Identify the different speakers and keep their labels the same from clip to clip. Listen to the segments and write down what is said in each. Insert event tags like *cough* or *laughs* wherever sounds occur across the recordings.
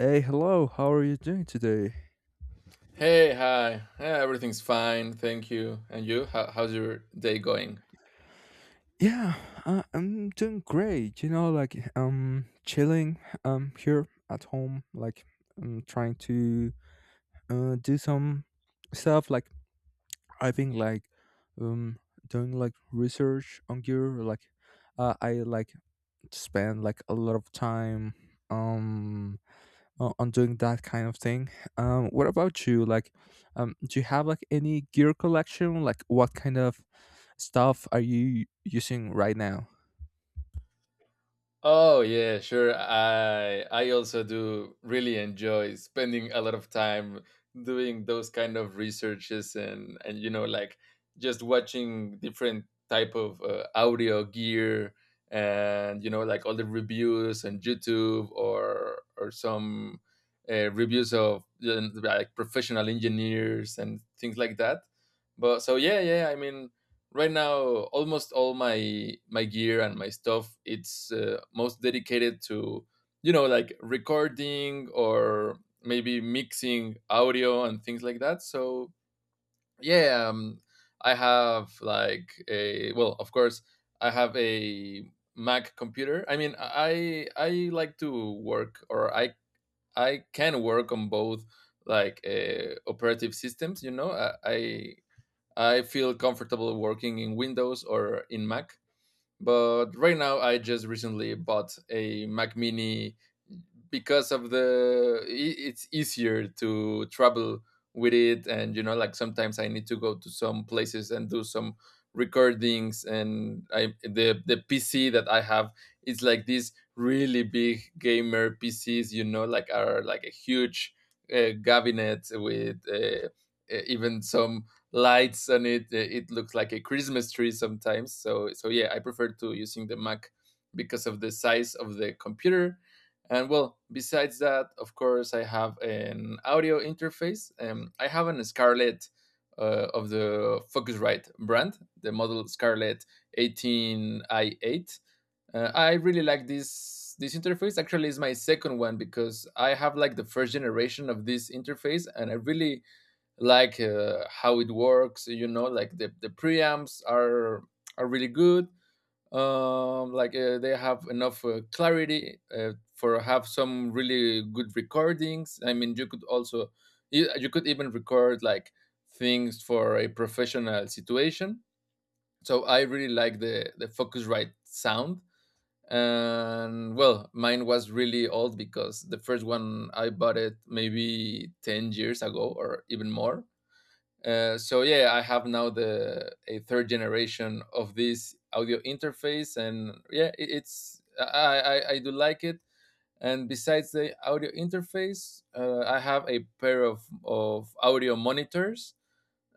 Speaker 1: Hey, hello. How are you doing today?
Speaker 2: Hey, hi. Yeah, everything's fine, thank you. And you? How's your day going?
Speaker 1: Yeah, I'm doing great. Chilling here at home. I'm trying to do some stuff. I've been um doing like research on gear. I like spend like a lot of time um on doing that kind of thing. What about you? Do you have like any gear collection? Like, what kind of stuff are you using right now?
Speaker 2: Oh yeah, sure. I also do really enjoy spending a lot of time doing those kind of researches and you know like just watching different type of audio gear, and you know like all the reviews on YouTube, or some reviews of like professional engineers and things like that. But so yeah, yeah. I mean, right now almost all my gear and my stuff, it's most dedicated to, you know, like recording or maybe mixing audio and things like that. So yeah, I have like a, well, of course I have a Mac computer. I mean, I like to work, or I can work on both, like operative systems. You know, I feel comfortable working in Windows or in Mac. But right now, I just recently bought a Mac Mini because of the it's easier to travel with it. And you know, like sometimes I need to go to some places and do some recordings, and I, the PC that I have is like these really big gamer PCs, you know, like are like a huge cabinet with. Even some lights on it. It looks like a Christmas tree sometimes. So so yeah, I prefer to using the Mac because of the size of the computer. And well, besides that, of course, I have an audio interface. I have an Scarlett of the Focusrite brand, the model Scarlett 18i8. I really like this interface. Actually, is my second one, because I have like the first generation of this interface, and I really like how it works. You know, like the preamps are really good. Like they have enough clarity for have some really good recordings. I mean, you could also, you could even record like things for a professional situation. So I really like the Focusrite sound. And well, mine was really old because the first one I bought it maybe 10 years ago or even more. So yeah, I have now the a third generation of this audio interface. And yeah, it, it's I do like it. And besides the audio interface, I have a pair of audio monitors.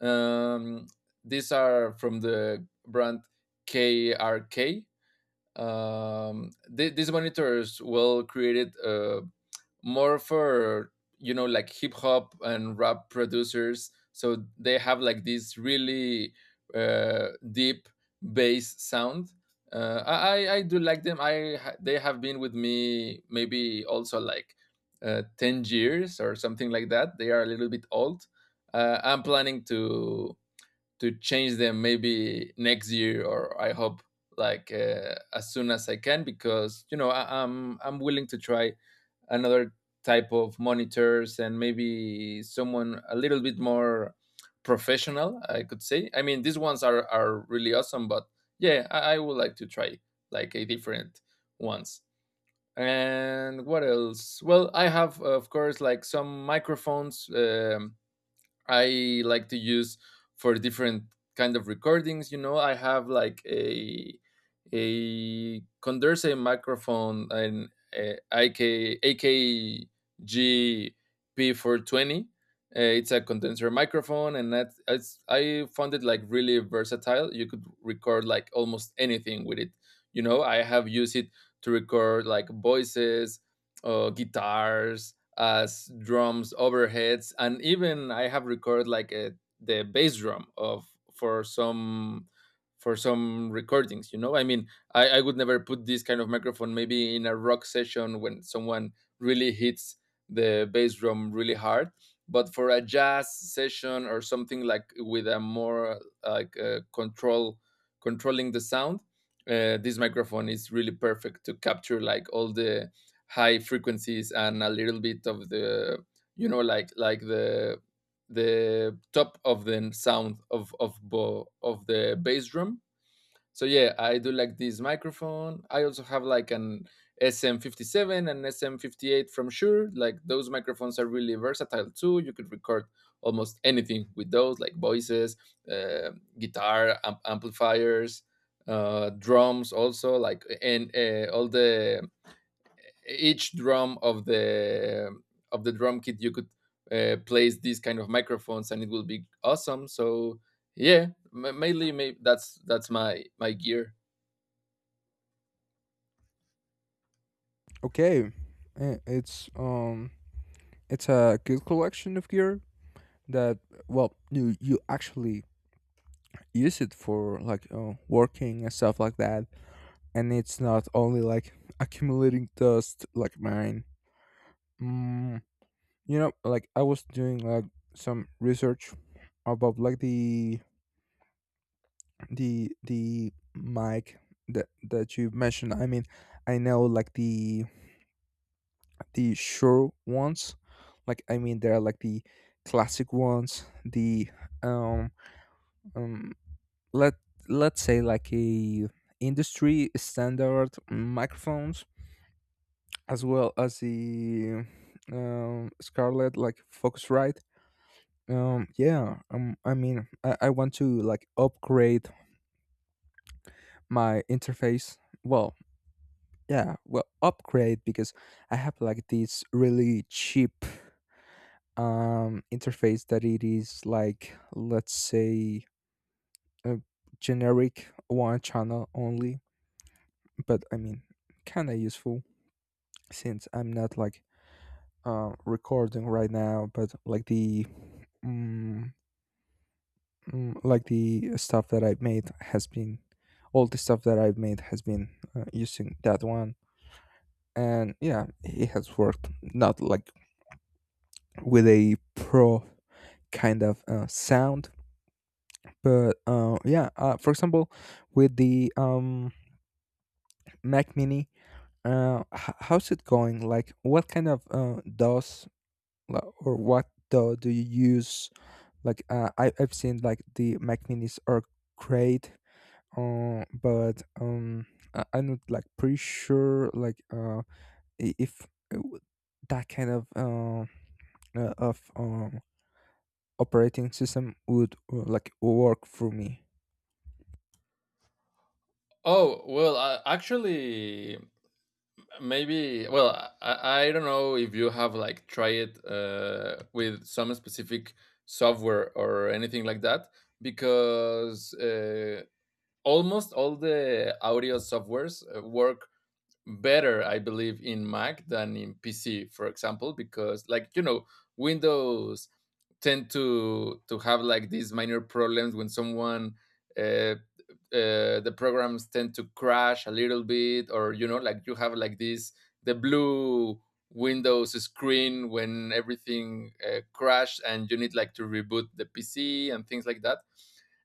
Speaker 2: Um, these are from the brand KRK. These monitors were created more for, you know, like hip hop and rap producers, so they have like this really deep bass sound. Uh, I, I I do like them. They have been with me maybe also like 10 years or something like that. They are a little bit old. I'm planning to change them maybe next year, or I hope like as soon as I can, because, you know, I'm willing to try another type of monitors, and maybe someone a little bit more professional, I could say. I mean, these ones are really awesome, but yeah, I would like to try like a different ones. And what else? Well, I have, of course, like some microphones. I like to use for different kind of recordings. You know, I have like a condenser microphone and IK akgp 420. It's a condenser microphone, and that it's, I found it like really versatile. You could record like almost anything with it. You know, I have used it to record like voices, guitars, as drums, overheads, and even I have recorded like a, the bass drum of for some for some recordings. You know, I mean, I would never put this kind of microphone maybe in a rock session when someone really hits the bass drum really hard, but for a jazz session or something like with a more like controlling the sound. This microphone is really perfect to capture like all the high frequencies and a little bit of the, you know, like the top of the sound of of the bass drum. So yeah, I do like this microphone. I also have like an SM57 and SM58 from Shure. Like, those microphones are really versatile too. You could record almost anything with those, like voices, uh, guitar amplifiers, drums also like, and all the each drum of the drum kit. You could place these kind of microphones and it will be awesome. So yeah, mainly, maybe that's my my gear.
Speaker 1: Okay, eh, it's um, it's a good collection of gear that well, you actually use it for like working and stuff like that, and it's not only like accumulating dust like mine. Mm, you know, like I was doing like some research about like the the mic that you mentioned. I mean, I know like the sure ones. Like, I mean, there are like the classic ones, the um um let let's say like a industry standard microphones, as well as the Scarlett, like Focusrite. Yeah. I mean, I want to like upgrade my interface. Well, yeah. Well, upgrade because I have like this really cheap interface that it is like, let's say, a generic, one channel only. But I mean, kind of useful since I'm not like recording right now, but mm, like the stuff that I've made has been all the stuff that I've made has been using that one, and yeah, it has worked. Not like with a pro kind of sound, but yeah. For example, with the Mac Mini, how's it going? Like, what kind of DOS or what DAW do you use? Like, uh, I've seen like the Mac Minis are great, but I'm not like pretty sure like if uh, w- that kind of uh, of um, operating system would like work for me.
Speaker 2: Oh well, actually, maybe, well, I don't know if you have like try it with some specific software or anything like that, because almost all the audio softwares work better, I believe, in Mac than in PC, for example, because like, you know, Windows tend to have like these minor problems when someone uh, the programs tend to crash a little bit. Or you know, like you have like this the blue Windows screen when everything crashed, and you need like to reboot the PC and things like that.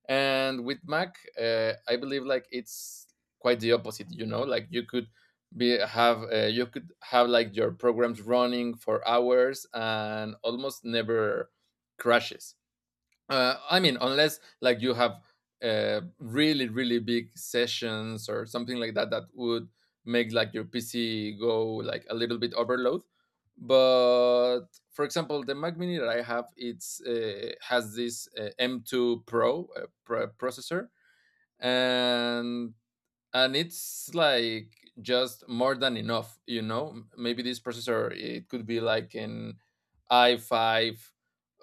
Speaker 2: And with Mac, I believe like it's quite the opposite. You know, like you could be have you could have like your programs running for hours and almost never crashes. I mean, unless like you have really really big sessions or something like that that would make like your PC go like a little bit overload. But for example, the Mac Mini that I have, it's has this M2 pro processor. and and it's like just more than enough. You know, maybe this processor it could be like an i5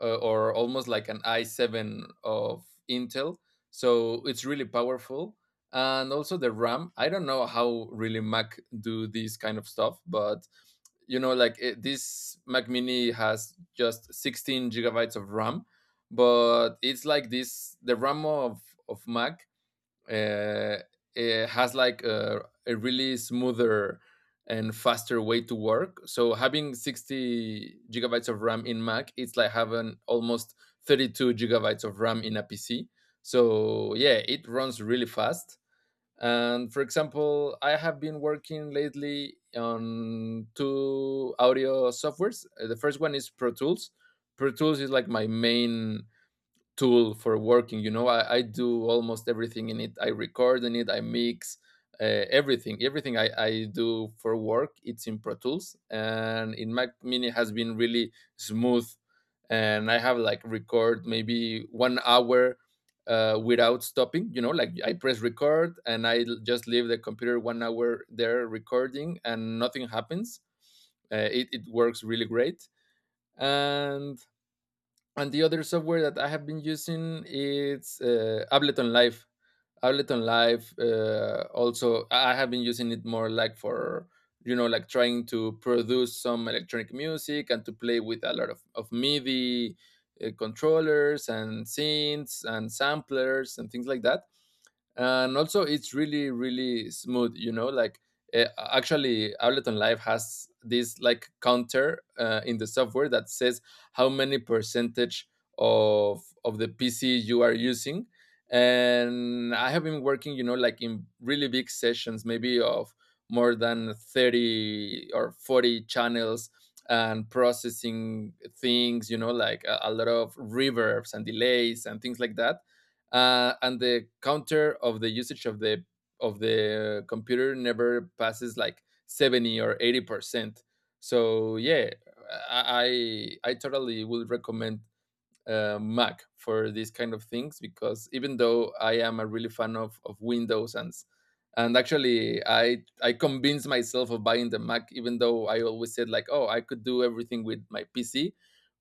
Speaker 2: or almost like an i7 of Intel, so it's really powerful. And also the RAM, I don't know how really Mac do this kind of stuff, but you know, like this Mac Mini has just 16 gigabytes of RAM. But it's like this, the RAM of Mac, uh, it has like a really smoother and faster way to work. So having 60 gigabytes of RAM in Mac, it's like having almost 32 gigabytes of RAM in a PC. So yeah, it runs really fast. And for example, I have been working lately on two audio softwares. The first one is Pro Tools. Pro Tools is like my main tool for working. You know, I do almost everything in it. I record in it, I mix everything. Everything I do for work, it's in Pro Tools, and in Mac Mini has been really smooth. And I have like record maybe 1 hour without stopping. You know, like I press record, and I just leave the computer 1 hour there recording and nothing happens. It works really great. and and the other software that I have been using is Ableton Live. Ableton Live. Also, I have been using it more like for, you know, like trying to produce some electronic music and to play with a lot of MIDI controllers and synths and samplers and things like that. And also it's really really smooth. You know, like, uh, actually, Ableton Live has this like counter in the software that says how many percentage of the PC you are using. And I have been working, you know, like in really big sessions maybe of more than 30 or 40 channels, and processing things, you know, like a lot of reverbs and delays and things like that. And the counter of the usage of the computer never passes like 70 or 80%. So yeah, I totally would recommend Mac for these kind of things. Because even though I am a really fan of Windows, and actually I convinced myself of buying the Mac, even though I always said like, oh, I could do everything with my PC,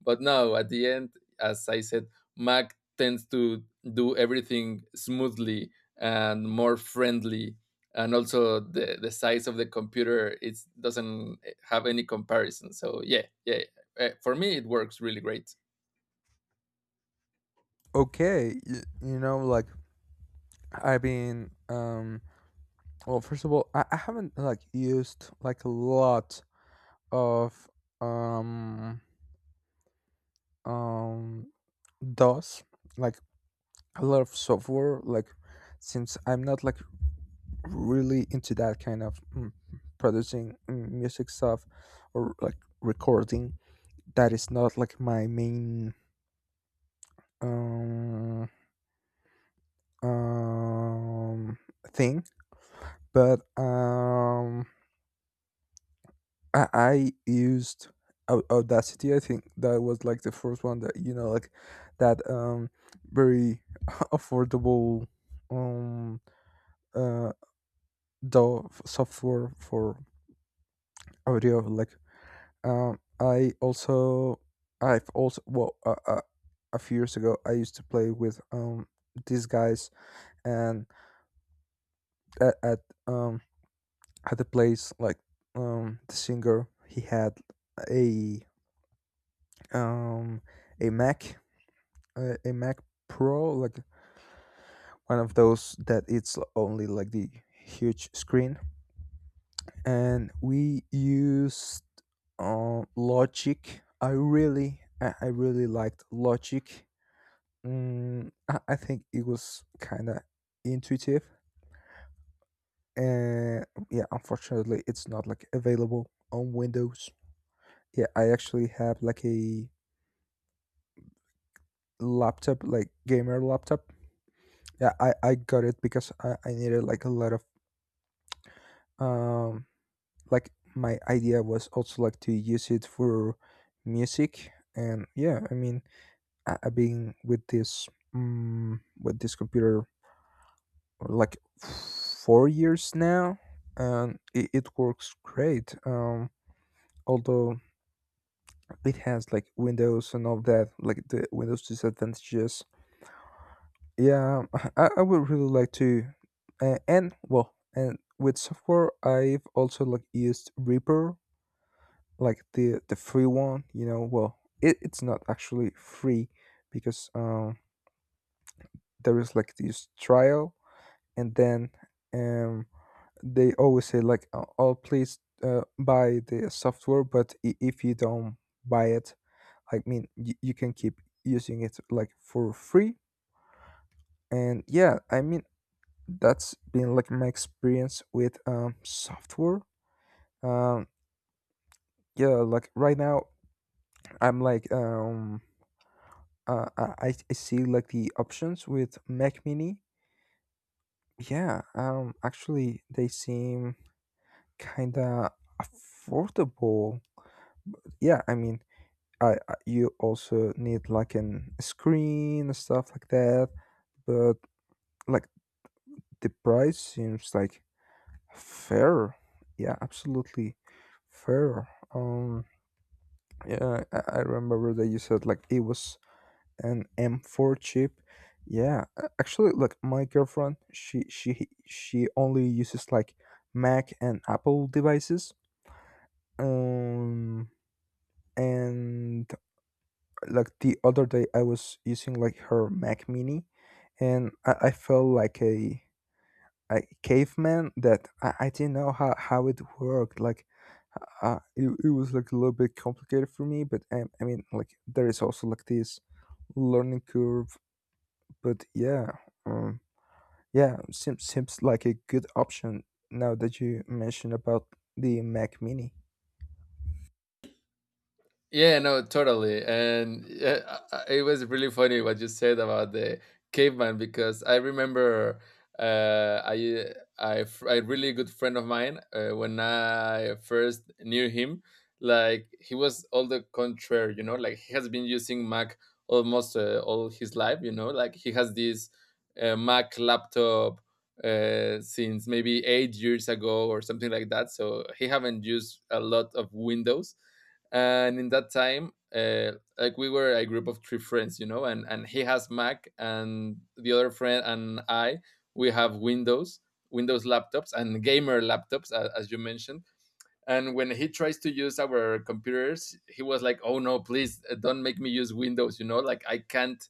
Speaker 2: but no, at the end, as I said, Mac tends to do everything smoothly and more friendly. And also the size of the computer, it doesn't have any comparison. So yeah, yeah, for me it works really great.
Speaker 1: Okay, you know, like I've been well, first of all, I haven't like used like a lot of um um DOS, like a lot of software, like since I'm not like really into that kind of producing music stuff or like recording. That is not like my main um, um thing. But I used Audacity. I think that was like the first one that, you know, like that very *laughs* affordable um uh the software for audio, like. Um, I also, I've also, well, a few years ago, I used to play with these guys, and at, at um at the place, like the singer, he had a um a Mac, a Mac Pro, like one of those that it's only like the huge screen, and we used Logic. I really liked Logic. I think it was kind of intuitive, and yeah, unfortunately, it's not like available on Windows. Yeah, I actually have like a laptop, like gamer laptop. Yeah, I got it because I needed like a lot of um like my idea was also like to use it for music. And yeah, I mean, I've been with this computer like 4 years now, and it works great, although it has like Windows and all that, like the Windows disadvantages. Yeah, I would really like to. And well and With software, I've also like used Reaper, like the free one, you know. Well, it's not actually free because there is like this trial, and then um they always say like, oh, please, buy the software. But if you don't buy it, I mean, you can keep using it like for free. And yeah, I mean, that's been like my experience with software. um yeah, like right now, i'm like um I see like the options with Mac Mini. Yeah, actually they seem kind of affordable. Yeah, I mean, I you also need like an screen and stuff like that. But like the price seems like fair. Yeah, absolutely fair. Yeah, I remember that you said like it was an M4 chip. Yeah, actually, like my girlfriend, she only uses like Mac and Apple devices. Um, and Like the other day I was using like her Mac Mini, and I felt like a caveman. That I didn't know how it worked, like it was like a little bit complicated for me. But I mean, like, there is also like this learning curve. But yeah, um, yeah, seems like a good option now that you mentioned about the Mac Mini.
Speaker 2: Yeah, no, totally. And yeah, it was really funny what you said about the caveman, because I remember uh, I, a really good friend of mine, when I first knew him, like he was all the contrary. You know, like he has been using Mac almost all his life. You know, like he has this Mac laptop since maybe 8 years ago or something like that. So he haven't used a lot of Windows. And in that time, like we were a group of three friends, you know, and he has Mac and the other friend and I, we have Windows laptops and gamer laptops, as you mentioned. And when he tries to use our computers, he was like, oh no, please, don't make me use Windows, you know, like I can't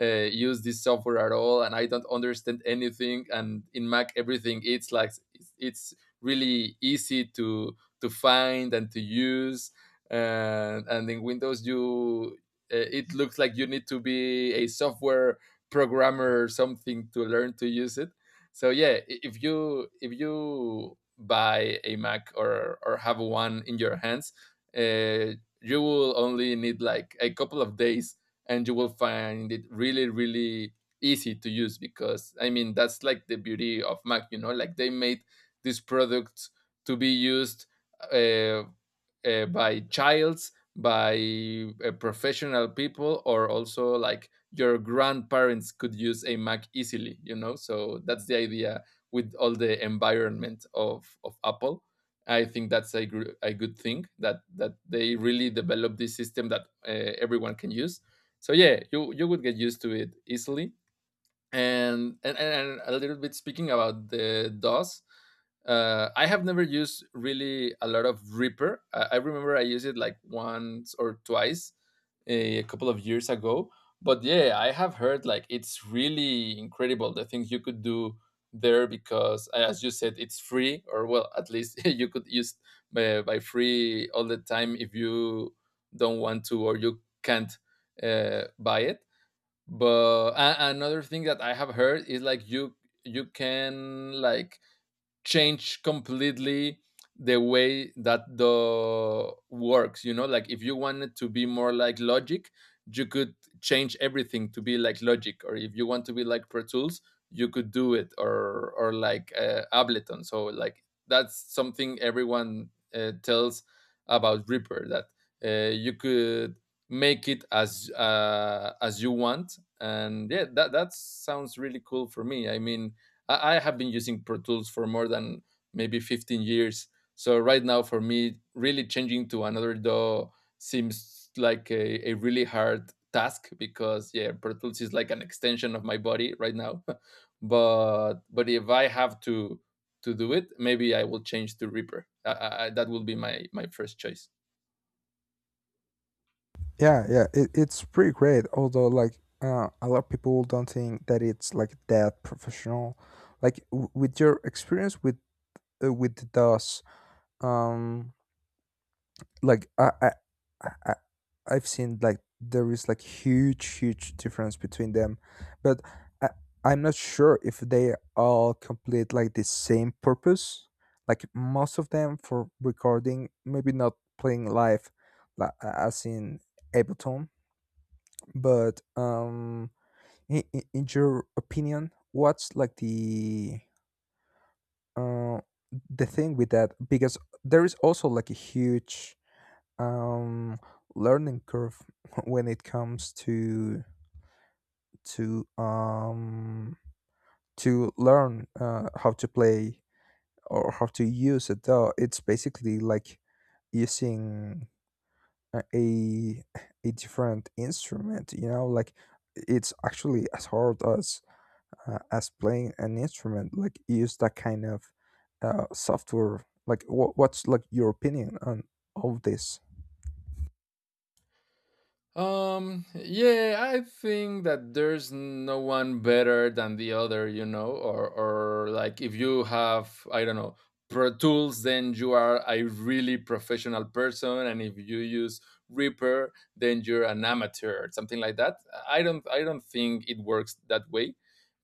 Speaker 2: use this software at all. And I don't understand anything. And in Mac everything, it's like it's really easy to find and to use. And in Windows you, it looks like you need to be a software programmer or something to learn to use it. So yeah, if you, if you buy a Mac or have one in your hands, uh, you will only need like a couple of days, and you will find it really really easy to use. Because I mean, that's like the beauty of Mac, you know, like they made this product to be used, uh, by childs, by professional people, or also like your grandparents could use a Mac easily, you know. So that's the idea, with all the environment of Apple. I think that's a good thing, that they really develop this system that everyone can use. So yeah, you would get used to it easily. And and a little bit speaking about the DOS, I have never used really a lot of Reaper. I remember I used it like once or twice, a couple of years ago. But yeah, I have heard like it's really incredible the things you could do there because, as you said, it's free. Or well, at least *laughs* you could use by free all the time, if you don't want to, or you can't buy it. But another thing that I have heard is like you can like change completely the way that the works, you know, like if you wanted to be more like Logic, you could change everything to be like Logic. Or if you want to be like Pro Tools, you could do it. Or like Ableton. So like that's something everyone tells about Reaper, that you could make it as you want. And yeah, that sounds really cool for me. I mean, I have been using Pro Tools for more than maybe 15 years. So right now, for me, really changing to another DAW seems like a really hard task, because yeah, Pro Tools is like an extension of my body right now. *laughs* but if I have to do it, maybe I will change to Reaper. That will be my first choice.
Speaker 1: Yeah, yeah, it's pretty great. Although, like, a lot of people don't think that it's like that professional. Like, with your experience with the DOS, um, like I, I- I've seen like there is like huge difference between them, but I, I'm not sure if they all complete like the same purpose. Like most of them for recording, maybe not playing live, like as in Ableton. But in, in your opinion, what's like uh, the thing with that? Because there is also like a huge um, learning curve *laughs* when it comes to to um, to learn how to play or how to use it. Though it's basically like using a a a different instrument. You know, like it's actually as hard as playing an instrument, like use that kind of software. Like, what's like your opinion on all this?
Speaker 2: Yeah, I think that there's no one better than the other, you know. Or like if you have, I don't know, Pro Tools, then you are a really professional person, and if you use Reaper, then you're an amateur, something like that. I don't think it works that way,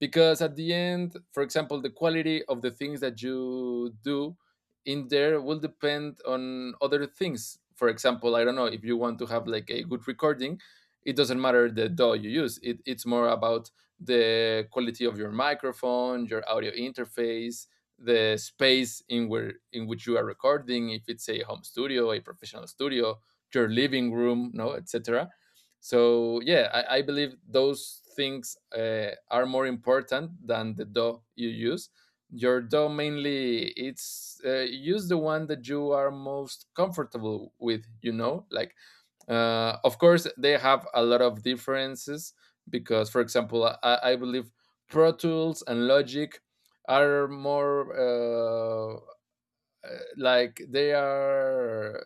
Speaker 2: because at the end, for example, the quality of the things that you do in there will depend on other things. For example, I don't know, if you want to have like a good recording, it doesn't matter the DAW you use. It's more about the quality of your microphone, your audio interface, the space in where, in which you are recording. If it's a home studio, a professional studio, your living room, no, etc. So yeah, I believe those things are more important than the DAW you use. Your DAW, mainly it's, use the one that you are most comfortable with, you know, like, of course they have a lot of differences, because for example, I believe Pro Tools and Logic are more, uh, like they are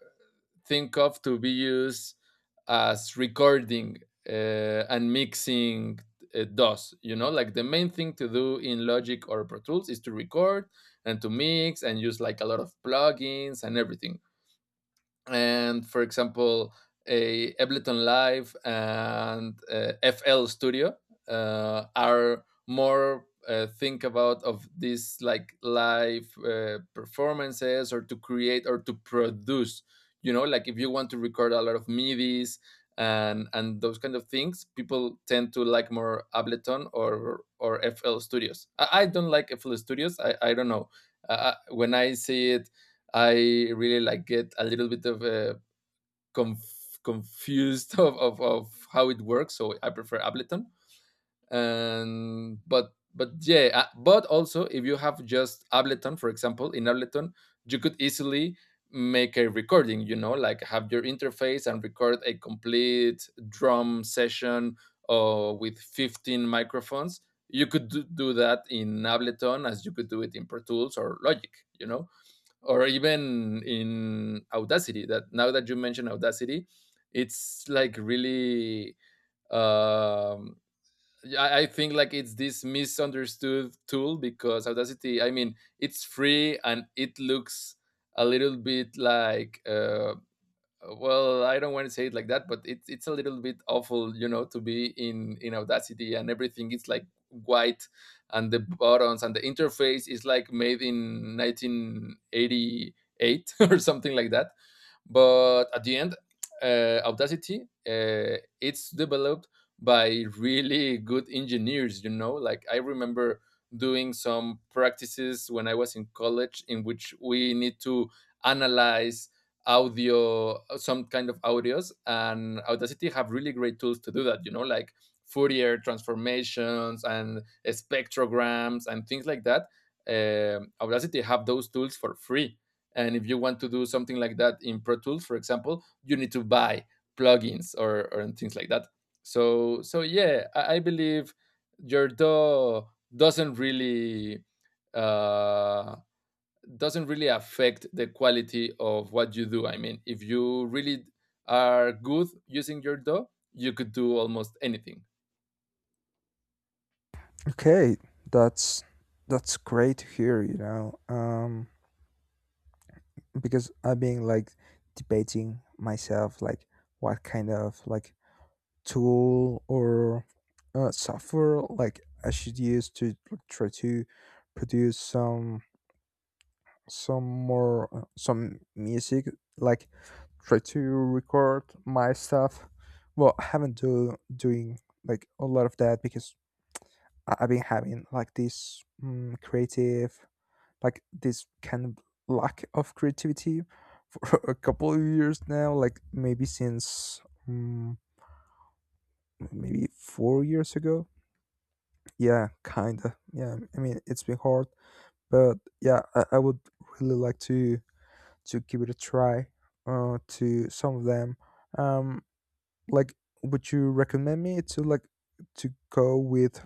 Speaker 2: think of to be used as recording uh, and mixing DOS. You know, like the main thing to do in Logic or Pro Tools is to record and to mix and use like a lot of plugins and everything. And for example, a Ableton Live and FL Studio are more think about of these, like, live performances, or to create, or to produce. You know, like if you want to record a lot of MIDIs and those kind of things, people tend to like more Ableton, or FL Studios. I don't like FL Studios. I don't know, when I see it, I really like get a little bit of confused *laughs* of how it works. So I prefer Ableton. And but yeah, but also, if you have just Ableton, for example, in Ableton, you could easily make a recording. You know, like have your interface and record a complete drum session with 15 microphones. You could do that in Ableton as you could do it in Pro Tools or Logic, you know? Or even in Audacity, that, now that you mention Audacity, it's like really um yeah, I think like it's this misunderstood tool, because Audacity, I mean, it's free, and it looks a little bit like, well, I don't want to say it like that, but it's a little bit awful, you know, to be in Audacity, and everything. It's like white, and the buttons, and the interface is like made in 1988 *laughs* or something like that. But at the end, Audacity, it's developed by really good engineers. You know, like I remember doing some practices when I was in college, in which we need to analyze audio, some kind of audios, and Audacity have really great tools to do that, you know, like Fourier transformations and spectrograms and things like that. Um, Audacity have those tools for free. And if you want to do something like that in Pro Tools, for example, you need to buy plugins, or things like that. So yeah, I believe your DAW doesn't really, uh, doesn't really affect the quality of what you do. I mean, if you really are good using your DAW, you could do almost anything.
Speaker 1: Okay, that's great to hear, you know. Um, because I've been like debating myself like what kind of like tool or software like I should use to, like, try to produce some more some music, like try to record my stuff. Well, I haven't do doing like a lot of that because I've been having like this creative, like this kind of lack of creativity for *laughs* a couple of years now. Like maybe since mm maybe 4 years ago. Yeah, kinda. Yeah, I mean, it's been hard. But yeah, I would really like to give it a try to some of them. Um, like, would you recommend me to like to go with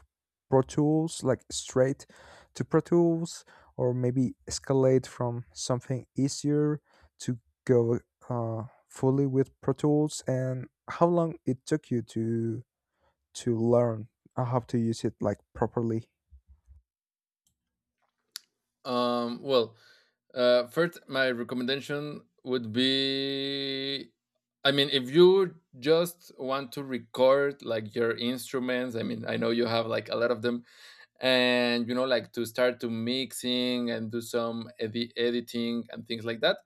Speaker 1: Pro Tools, like straight to Pro Tools, or maybe escalate from something easier to go fully with Pro Tools? And how long it took you to learn how to use it like properly?
Speaker 2: Well, first, my recommendation would be, I mean, if you just want to record like your instruments. I mean, I know you have like a lot of them, and you know, like to start to mixing and do some editing and things like that.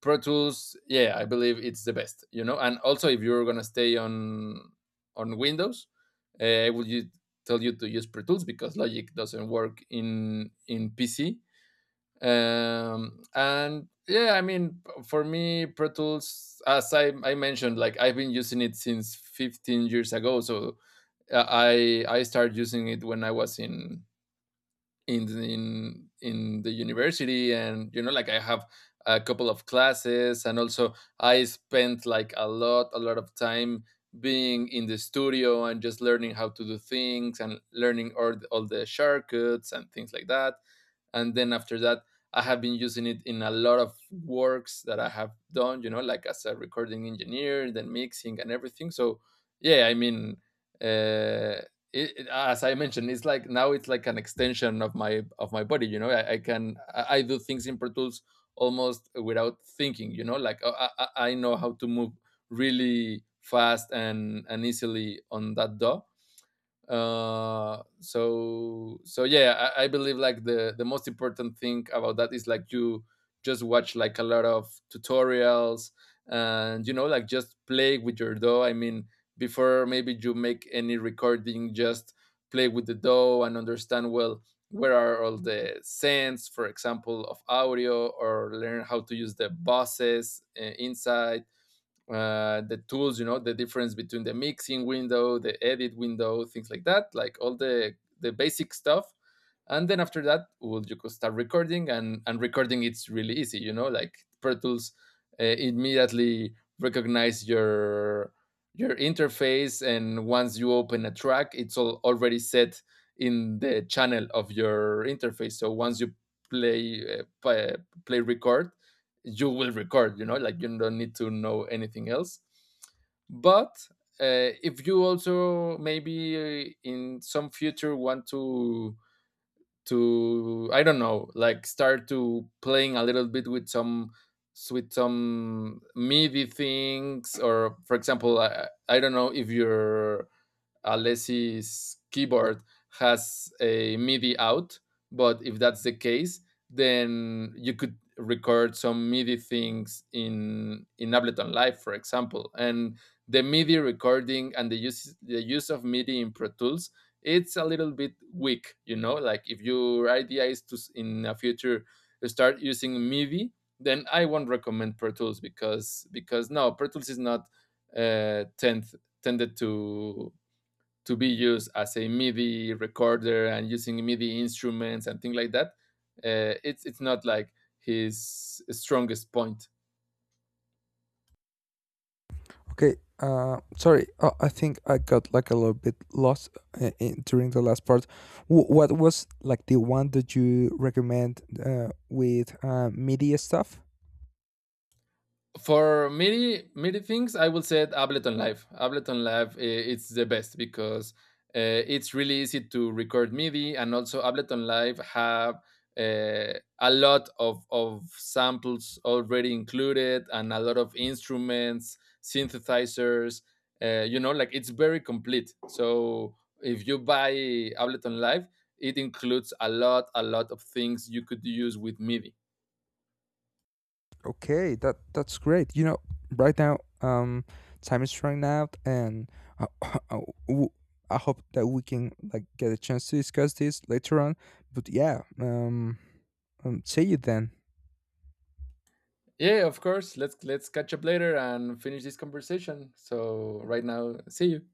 Speaker 2: Pro Tools, yeah, I believe it's the best, you know. And also, if you're gonna stay on Windows, I would you tell you to use Pro Tools, because Logic doesn't work in PC. Um, and yeah, I mean, for me, Pro Tools, as I mentioned, like I've been using it since 15 years ago. So I started using it when I was in in the university. And you know, like I have a couple of classes, and also I spent like a lot of time being in the studio, and just learning how to do things, and learning all the shortcuts and things like that. And then after that, I have been using it in a lot of works that I have done, you know, like as a recording engineer, then mixing and everything. So yeah, I mean, uh, as I mentioned, it's like, now it's like an extension of my body, you know. I can, I do things in Pro Tools almost without thinking, you know, like, I I know how to move really fast and easily on that DAW. So yeah, I believe like the most important thing about that is, like, you just watch like a lot of tutorials. And you know, like just play with your dough. I mean, before maybe you make any recording, just play with the dough, and understand well where are all the sense, for example, of audio. Or learn how to use the bosses, inside the tools, you know, the difference between the mixing window, the edit window, things like that, like all the basic stuff. And then after that, well, you could start recording. And recording, it's really easy, you know, like Pro Tools immediately recognize your interface. And once you open a track, it's all already set in the channel of your interface. So once you play uh, play, play record, you will record. You know, like you don't need to know anything else. But if you also, maybe, in some future, want to I don't know, like, start to playing a little bit with some, with some MIDI things. Or for example, I don't know if your Alessi's keyboard has a MIDI out. But if that's the case, then you could record some MIDI things in Ableton Live, for example. And the MIDI recording, and the use of MIDI in Pro Tools, it's a little bit weak, you know, like, if your idea is to, in a future start using MIDI, then I won't recommend Pro Tools, because no, Pro Tools is not uh tend, tended to be used as a MIDI recorder and using MIDI instruments and things like that. It's not like his strongest point.
Speaker 1: Okay. Sorry. I think I got like a little bit lost during the last part. W- what was like the one that you recommend with media stuff?
Speaker 2: For many many things, I would say Ableton Live. Ableton Live, it's the best, because it's really easy to record MIDI. And also Ableton Live have a lot of samples already included, and a lot of instruments, synthesizers, you know, like it's very complete. So if you buy Ableton Live, it includes a lot of things you could use with MIDI.
Speaker 1: Okay, that's great. You know, right now, time is running out, and uh, *laughs* hope that we can like get a chance to discuss this later on. But yeah, see you then.
Speaker 2: Yeah, of course. Let's catch up later and finish this conversation. So right now, see you.